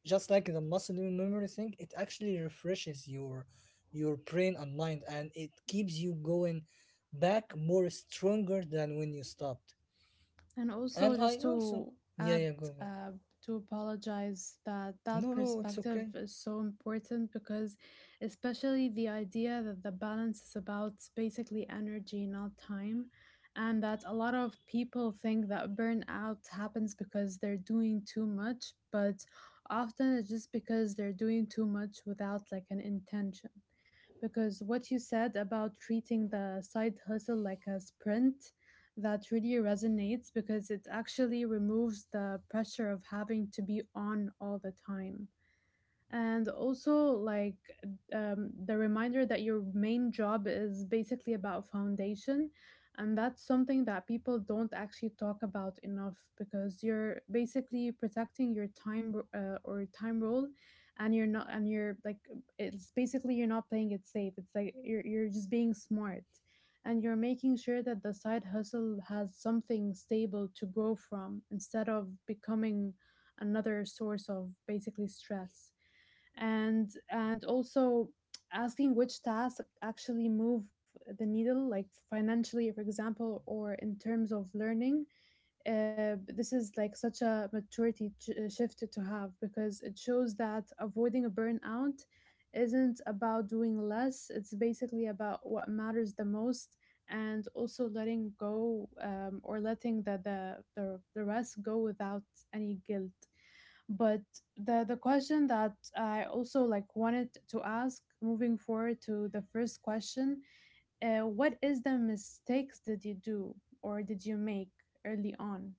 [SPEAKER 1] just like the muscle memory thing, it actually refreshes your your brain and mind, and it keeps you going back more stronger than when you stopped.
[SPEAKER 2] And also,
[SPEAKER 1] And I
[SPEAKER 2] just
[SPEAKER 1] also,
[SPEAKER 2] to
[SPEAKER 1] yeah
[SPEAKER 2] add,
[SPEAKER 1] yeah, go go.
[SPEAKER 2] uh, to apologize, that that
[SPEAKER 1] No no, it's
[SPEAKER 2] perspective
[SPEAKER 1] okay.
[SPEAKER 2] is so important because, especially the idea that the balance is about basically energy, not time, and that a lot of people think that burnout happens because they're doing too much, but often it's just because they're doing too much without like an intention. Because what you said about treating the side hustle like a sprint, that really resonates because it actually removes the pressure of having to be on all the time. And also like, um, the reminder that your main job is basically about foundation, and that's something that people don't actually talk about enough, because you're basically protecting your time r- uh, or time role, and you're not and you're like, it's basically you're not playing it safe, it's like you're, you're just being smart. And you're making sure that the side hustle has something stable to grow from instead of becoming another source of basically stress. And and also asking which tasks actually move the needle, like financially for example, or in terms of learning. Uh, this is like such a maturity ch- uh, shift to have, because it shows that avoiding a burnout isn't about doing less, it's basically about what matters the most. And also letting go, um, or letting the, the the the rest go without any guilt. But the the question that I also like wanted to ask, moving forward to the first question, uh, what is the mistakes did you do, or did you make, early on?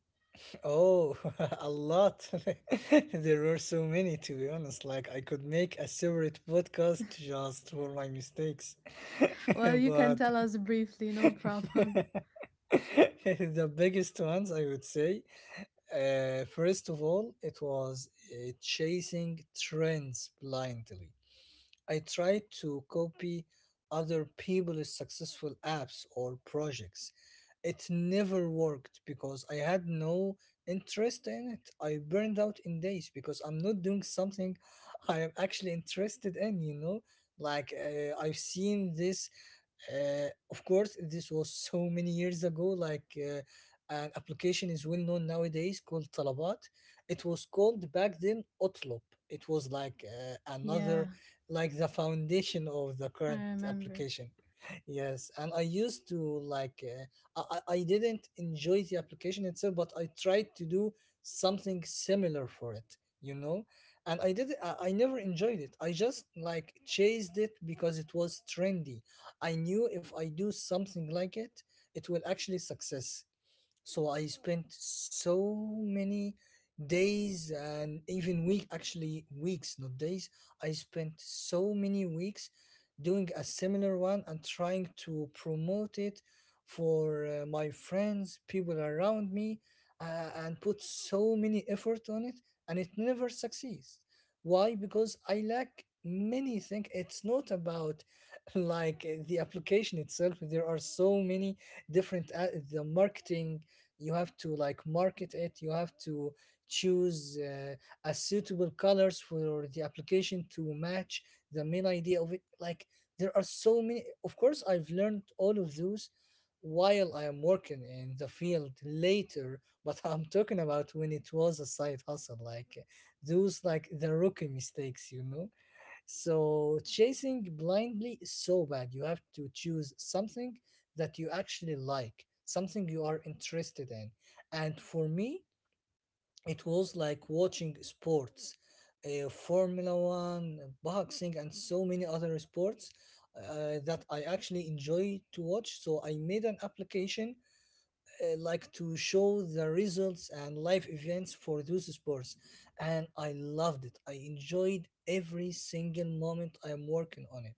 [SPEAKER 1] Oh, a lot. There were so many, to be honest. Like, I could make a separate podcast just for my mistakes.
[SPEAKER 2] Well, you can
[SPEAKER 1] But
[SPEAKER 2] tell us briefly, no problem.
[SPEAKER 1] the biggest ones, I would say, uh, first of all, it was uh, chasing trends blindly. I tried to copy other people's successful apps or projects. It never worked because I had no interest in it. I burned out in days because I'm not doing something I am actually interested in, you know? Like, uh, I've seen this, uh, of course this was so many years ago, like uh, an application is well known nowadays called Talabat. It was called back then Otlop. It was like uh, another
[SPEAKER 2] Yeah,
[SPEAKER 1] like the foundation of the
[SPEAKER 2] I
[SPEAKER 1] current
[SPEAKER 2] remember.
[SPEAKER 1] application. Yes, and I used to like uh, I, I I didn't enjoy the application itself, but I tried to do something similar for it, you know. And I did, i, I never enjoyed it, I just like chased it because it was trendy. I knew if I do something like it, it will actually success. So I spent so many days and even week actually weeks, not days. I spent so many weeks doing a similar one and trying to promote it for uh, my friends, people around me, uh, and put so many effort on it, and it never succeeds. Why? Because I lack many things. It's not about like uh, the application itself. There are so many different uh, the marketing you have to like market it you have to choose uh, a suitable colors for the application to match the main idea of it like there are so many of course I've learned all of those while I am working in the field later but I'm talking about when it was a side hustle like those like the rookie mistakes you know so chasing blindly is so bad. You have to choose something that you actually like, something you are interested in. And for me, it was like watching sports, uh, Formula One, boxing, and so many other sports uh, that I actually enjoy to watch. So I made an application uh, like to show the results and live events for those sports and I loved it I enjoyed every single moment I'm working on it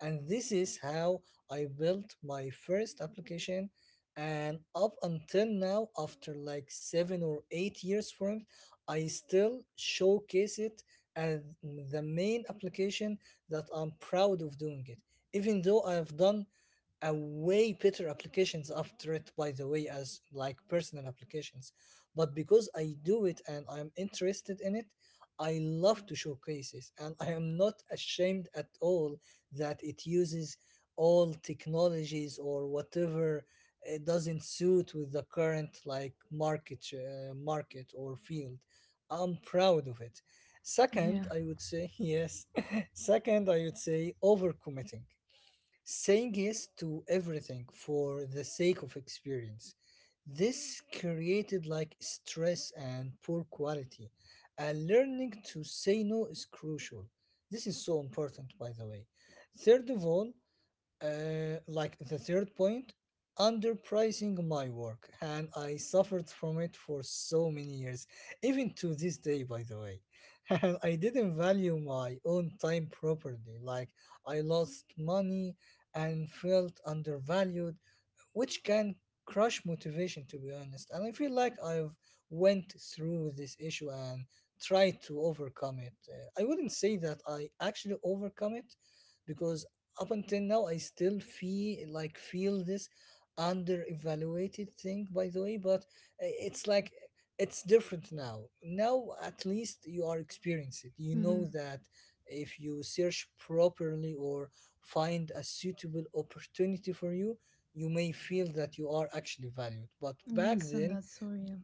[SPEAKER 1] and this is how I built my first application and up until now after like seven or eight years from it I still showcase it as the main application that I'm proud of doing it even though I've done a way better applications after it by the way as like personal applications but because I do it and I'm interested in it I love to showcase it and I am not ashamed at all that it uses all technologies or whatever it doesn't suit with the current like market uh, market or field I'm proud of it.
[SPEAKER 2] Yeah.
[SPEAKER 1] Second I would say yes second I would say overcommitting, saying yes to everything for the sake of experience. This created like stress and poor quality, and learning to say no is crucial. This is so important, by the way. Third of all, uh, like the third point, underpricing my work, and I suffered from it for so many years, even to this day, by the way. And I didn't value my own time properly. Like, I lost money and felt undervalued which can crush motivation to be honest and I feel like I've went through this issue and tried to overcome it. Uh, I wouldn't say that I actually overcome it because up until now I still feel like feel this under evaluated thing by the way but i- it's like it's different now, now at least you are experienced you know
[SPEAKER 2] Hmm.
[SPEAKER 1] that if you search properly or find a suitable opportunity for you you may feel that you are actually valued. But back
[SPEAKER 2] Yes, and
[SPEAKER 1] then,
[SPEAKER 2] that's so real.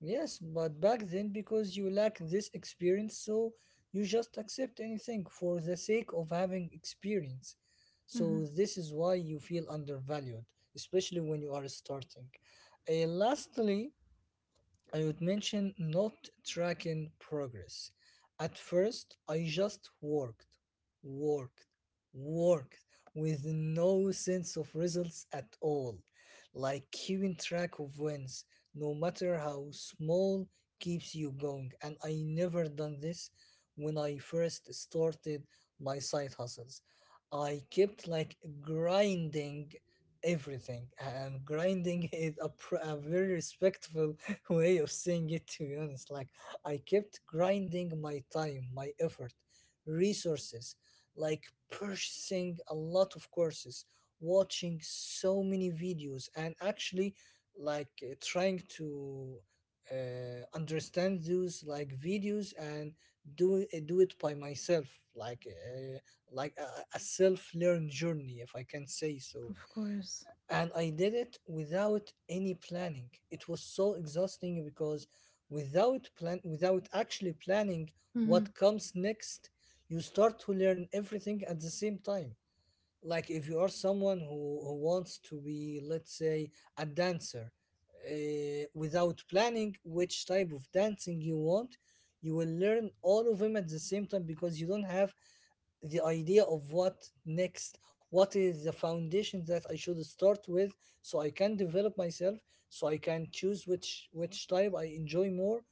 [SPEAKER 1] yes, but back then, because you lack this experience, so you just accept anything for the sake of having experience. So
[SPEAKER 2] Hmm.
[SPEAKER 1] this is why you feel undervalued, especially when you are starting. Uh, lastly, I would mention not tracking progress. At first, I just worked, worked, worked with no sense of results at all. Like keeping track of wins, no matter how small, keeps you going. And I never done this when I first started my side hustles. I kept like grinding everything, and grinding is a, pr- a very respectful way of saying it, to be honest. Like, I kept grinding my time, my effort, resources, like purchasing a lot of courses, watching so many videos, and actually, like, uh, trying to uh, understand those like videos and do uh, do it by myself, like uh, like a, a self learned journey, if I can say so,
[SPEAKER 2] Of course.
[SPEAKER 1] and I did it without any planning. It was so exhausting because without plan, without actually planning
[SPEAKER 2] Hmm.
[SPEAKER 1] what comes next, you start to learn everything at the same time. Like if you are someone who, who wants to be, let's say, a dancer, uh, without planning which type of dancing you want, you will learn all of them at the same time because you don't have the idea of what next, what is the foundation that I should start with so I can develop myself, so I can choose which which type I enjoy more.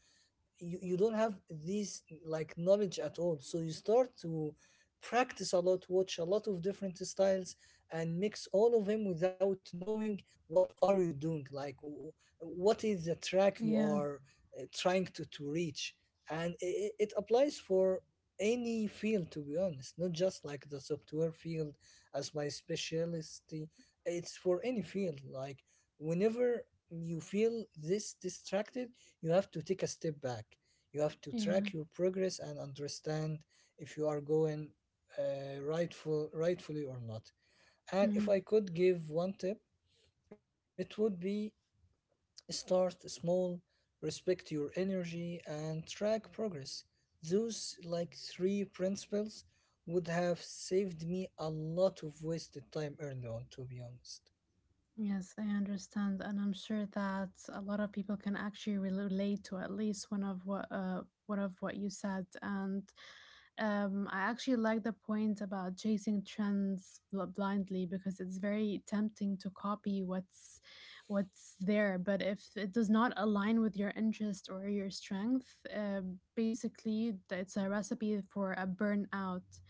[SPEAKER 1] you, you don't have these like knowledge at all so you start to practice a lot, watch a lot of different styles and mix all of them without knowing what are you doing, like w- what is the track you
[SPEAKER 2] Yeah,
[SPEAKER 1] are uh, trying to, to reach. And it, it applies for any field to be honest, not just like the software field as my specialty. It's for any field like whenever you feel this distracted you have to take a step back. You have to
[SPEAKER 2] yeah.
[SPEAKER 1] track your progress and understand if you are going uh, rightful, rightfully or not. And
[SPEAKER 2] Hmm.
[SPEAKER 1] if I could give one tip, it would be start small, respect your energy, and track progress. Those like three principles would have saved me a lot of wasted time early on, to be honest.
[SPEAKER 2] Yes, I understand, and I'm sure that a lot of people can actually relate to at least one of what uh one of what you said. And um, I actually like the point about chasing trends bl- blindly, because it's very tempting to copy what's what's there. But if it does not align with your interest or your strength, uh, basically it's a recipe for a burnout.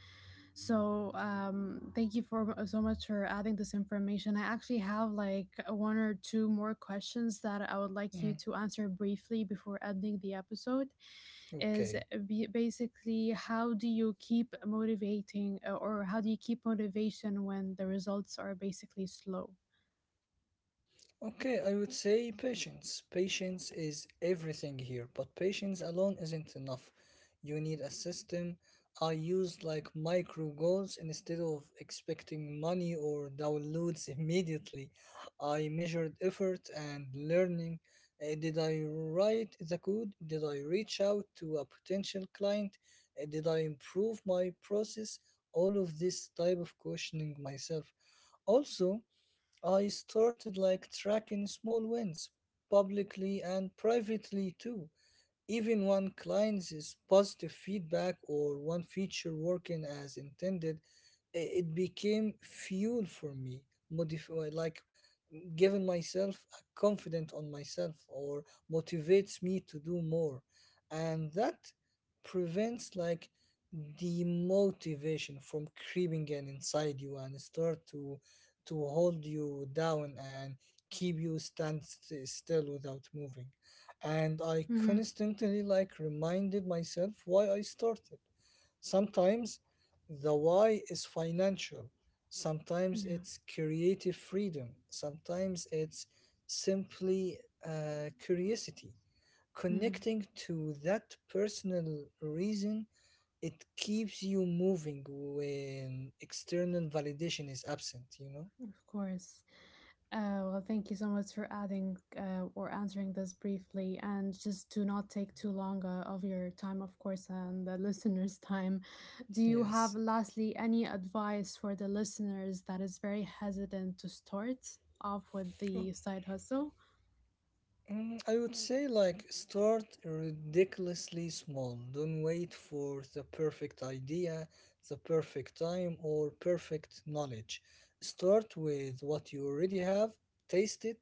[SPEAKER 2] So um, thank you for so much for adding this information. I actually have like one or two more questions that I would like you to
[SPEAKER 1] Mm,
[SPEAKER 2] answer briefly before ending the episode. Is uh, be-
[SPEAKER 1] okay.
[SPEAKER 2] basically, how do you keep motivating uh, or how do you keep motivation when the results are basically slow?
[SPEAKER 1] Okay, I would say patience. Patience is everything here, but patience alone isn't enough. You need a system. I use like micro goals instead of expecting money or downloads immediately. I measured effort and learning. Uh, did I write the code? Did I reach out to a potential client? Uh, did I improve my process? All of this type of questioning myself. Also I started like tracking small wins, publicly and privately too. Even when clients' positive feedback or one feature working as intended, i- it became fuel for me, modif- uh, like giving myself a confident on myself or motivates me to do more. And that prevents like demotivation from creeping in inside you and start to to hold you down and keep you stand st- still without moving, and I
[SPEAKER 2] Hmm.
[SPEAKER 1] constantly like reminded myself why I started. Sometimes the why is financial, sometimes
[SPEAKER 2] Yeah.
[SPEAKER 1] it's creative freedom, sometimes it's simply uh, curiosity.
[SPEAKER 2] Hmm.
[SPEAKER 1] Connecting to that personal reason, it keeps you moving when external validation is absent, you know?
[SPEAKER 2] Of course. Uh, well, thank you so much for adding uh, or answering this briefly, and just to not take too long uh, of your time, of course, and the listeners' time. Do you have,
[SPEAKER 1] Yes.
[SPEAKER 2] lastly, any advice for the listeners that is very hesitant to start off with
[SPEAKER 1] Oh.
[SPEAKER 2] the side hustle?
[SPEAKER 1] Mm, I would say like start ridiculously small. Don't wait for the perfect idea, the perfect time, or perfect knowledge. Start with what you already have, taste it,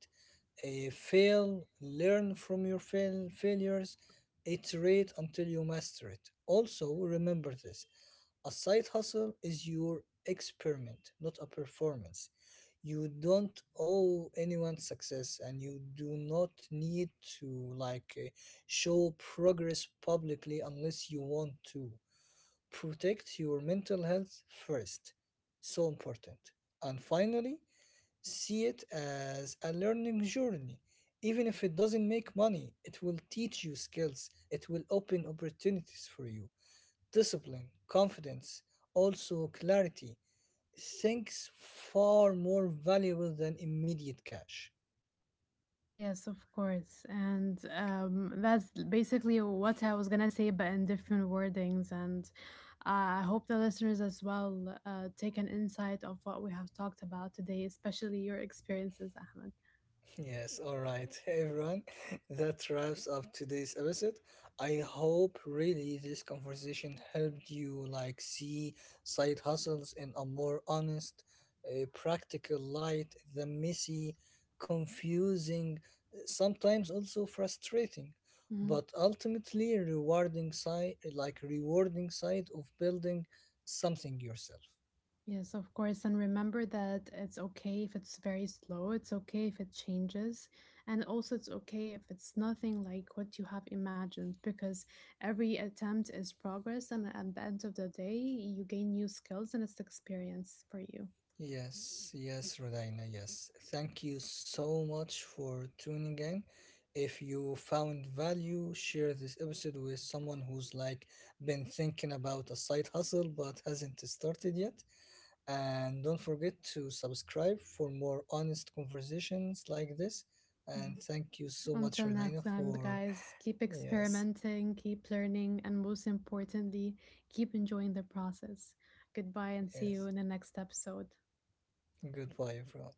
[SPEAKER 1] eh, fail, learn from your fail- failures, iterate until you master it. Also, remember this, a side hustle is your experiment, not a performance. You don't owe anyone success and you do not need to like uh, show progress publicly unless you want to. Protect your mental health first, so important. And finally see it as a learning journey, even if it doesn't make money it will teach you skills, it will open opportunities for you, discipline, confidence, also clarity. Things far more valuable than immediate cash.
[SPEAKER 2] Yes, of course. And um, that's basically what I was gonna say, but in different wordings. And uh, I hope the listeners as well uh, take an insight of what we have talked about today, especially your experiences, Ahmed.
[SPEAKER 1] Yes, all right, hey everyone. That wraps up today's episode. I hope really this conversation helped you like see side hustles in a more honest, uh, practical light than messy, confusing, sometimes also frustrating,
[SPEAKER 2] Mhm.
[SPEAKER 1] but ultimately rewarding side like rewarding side of building something yourself.
[SPEAKER 2] Yes, of course. And remember that it's okay if it's very slow, it's okay if it changes, and also it's okay if it's nothing like what you have imagined, because every attempt is progress. And at the end of the day, you gain new skills and it's experience for you.
[SPEAKER 1] Yes, yes, Rodina, yes. Thank you so much for tuning in. If you found value, share this episode with someone who's like been thinking about a side hustle but hasn't started yet. And don't forget to subscribe for more honest conversations like this. And
[SPEAKER 2] Mhm.
[SPEAKER 1] thank you so much,
[SPEAKER 2] Until
[SPEAKER 1] Rodina,
[SPEAKER 2] next time,
[SPEAKER 1] for
[SPEAKER 2] guys, keep
[SPEAKER 1] yes,
[SPEAKER 2] experimenting, keep learning, and most importantly, keep enjoying the process. Goodbye, and see you
[SPEAKER 1] yes.
[SPEAKER 2] in the next episode.
[SPEAKER 1] Goodbye, everyone.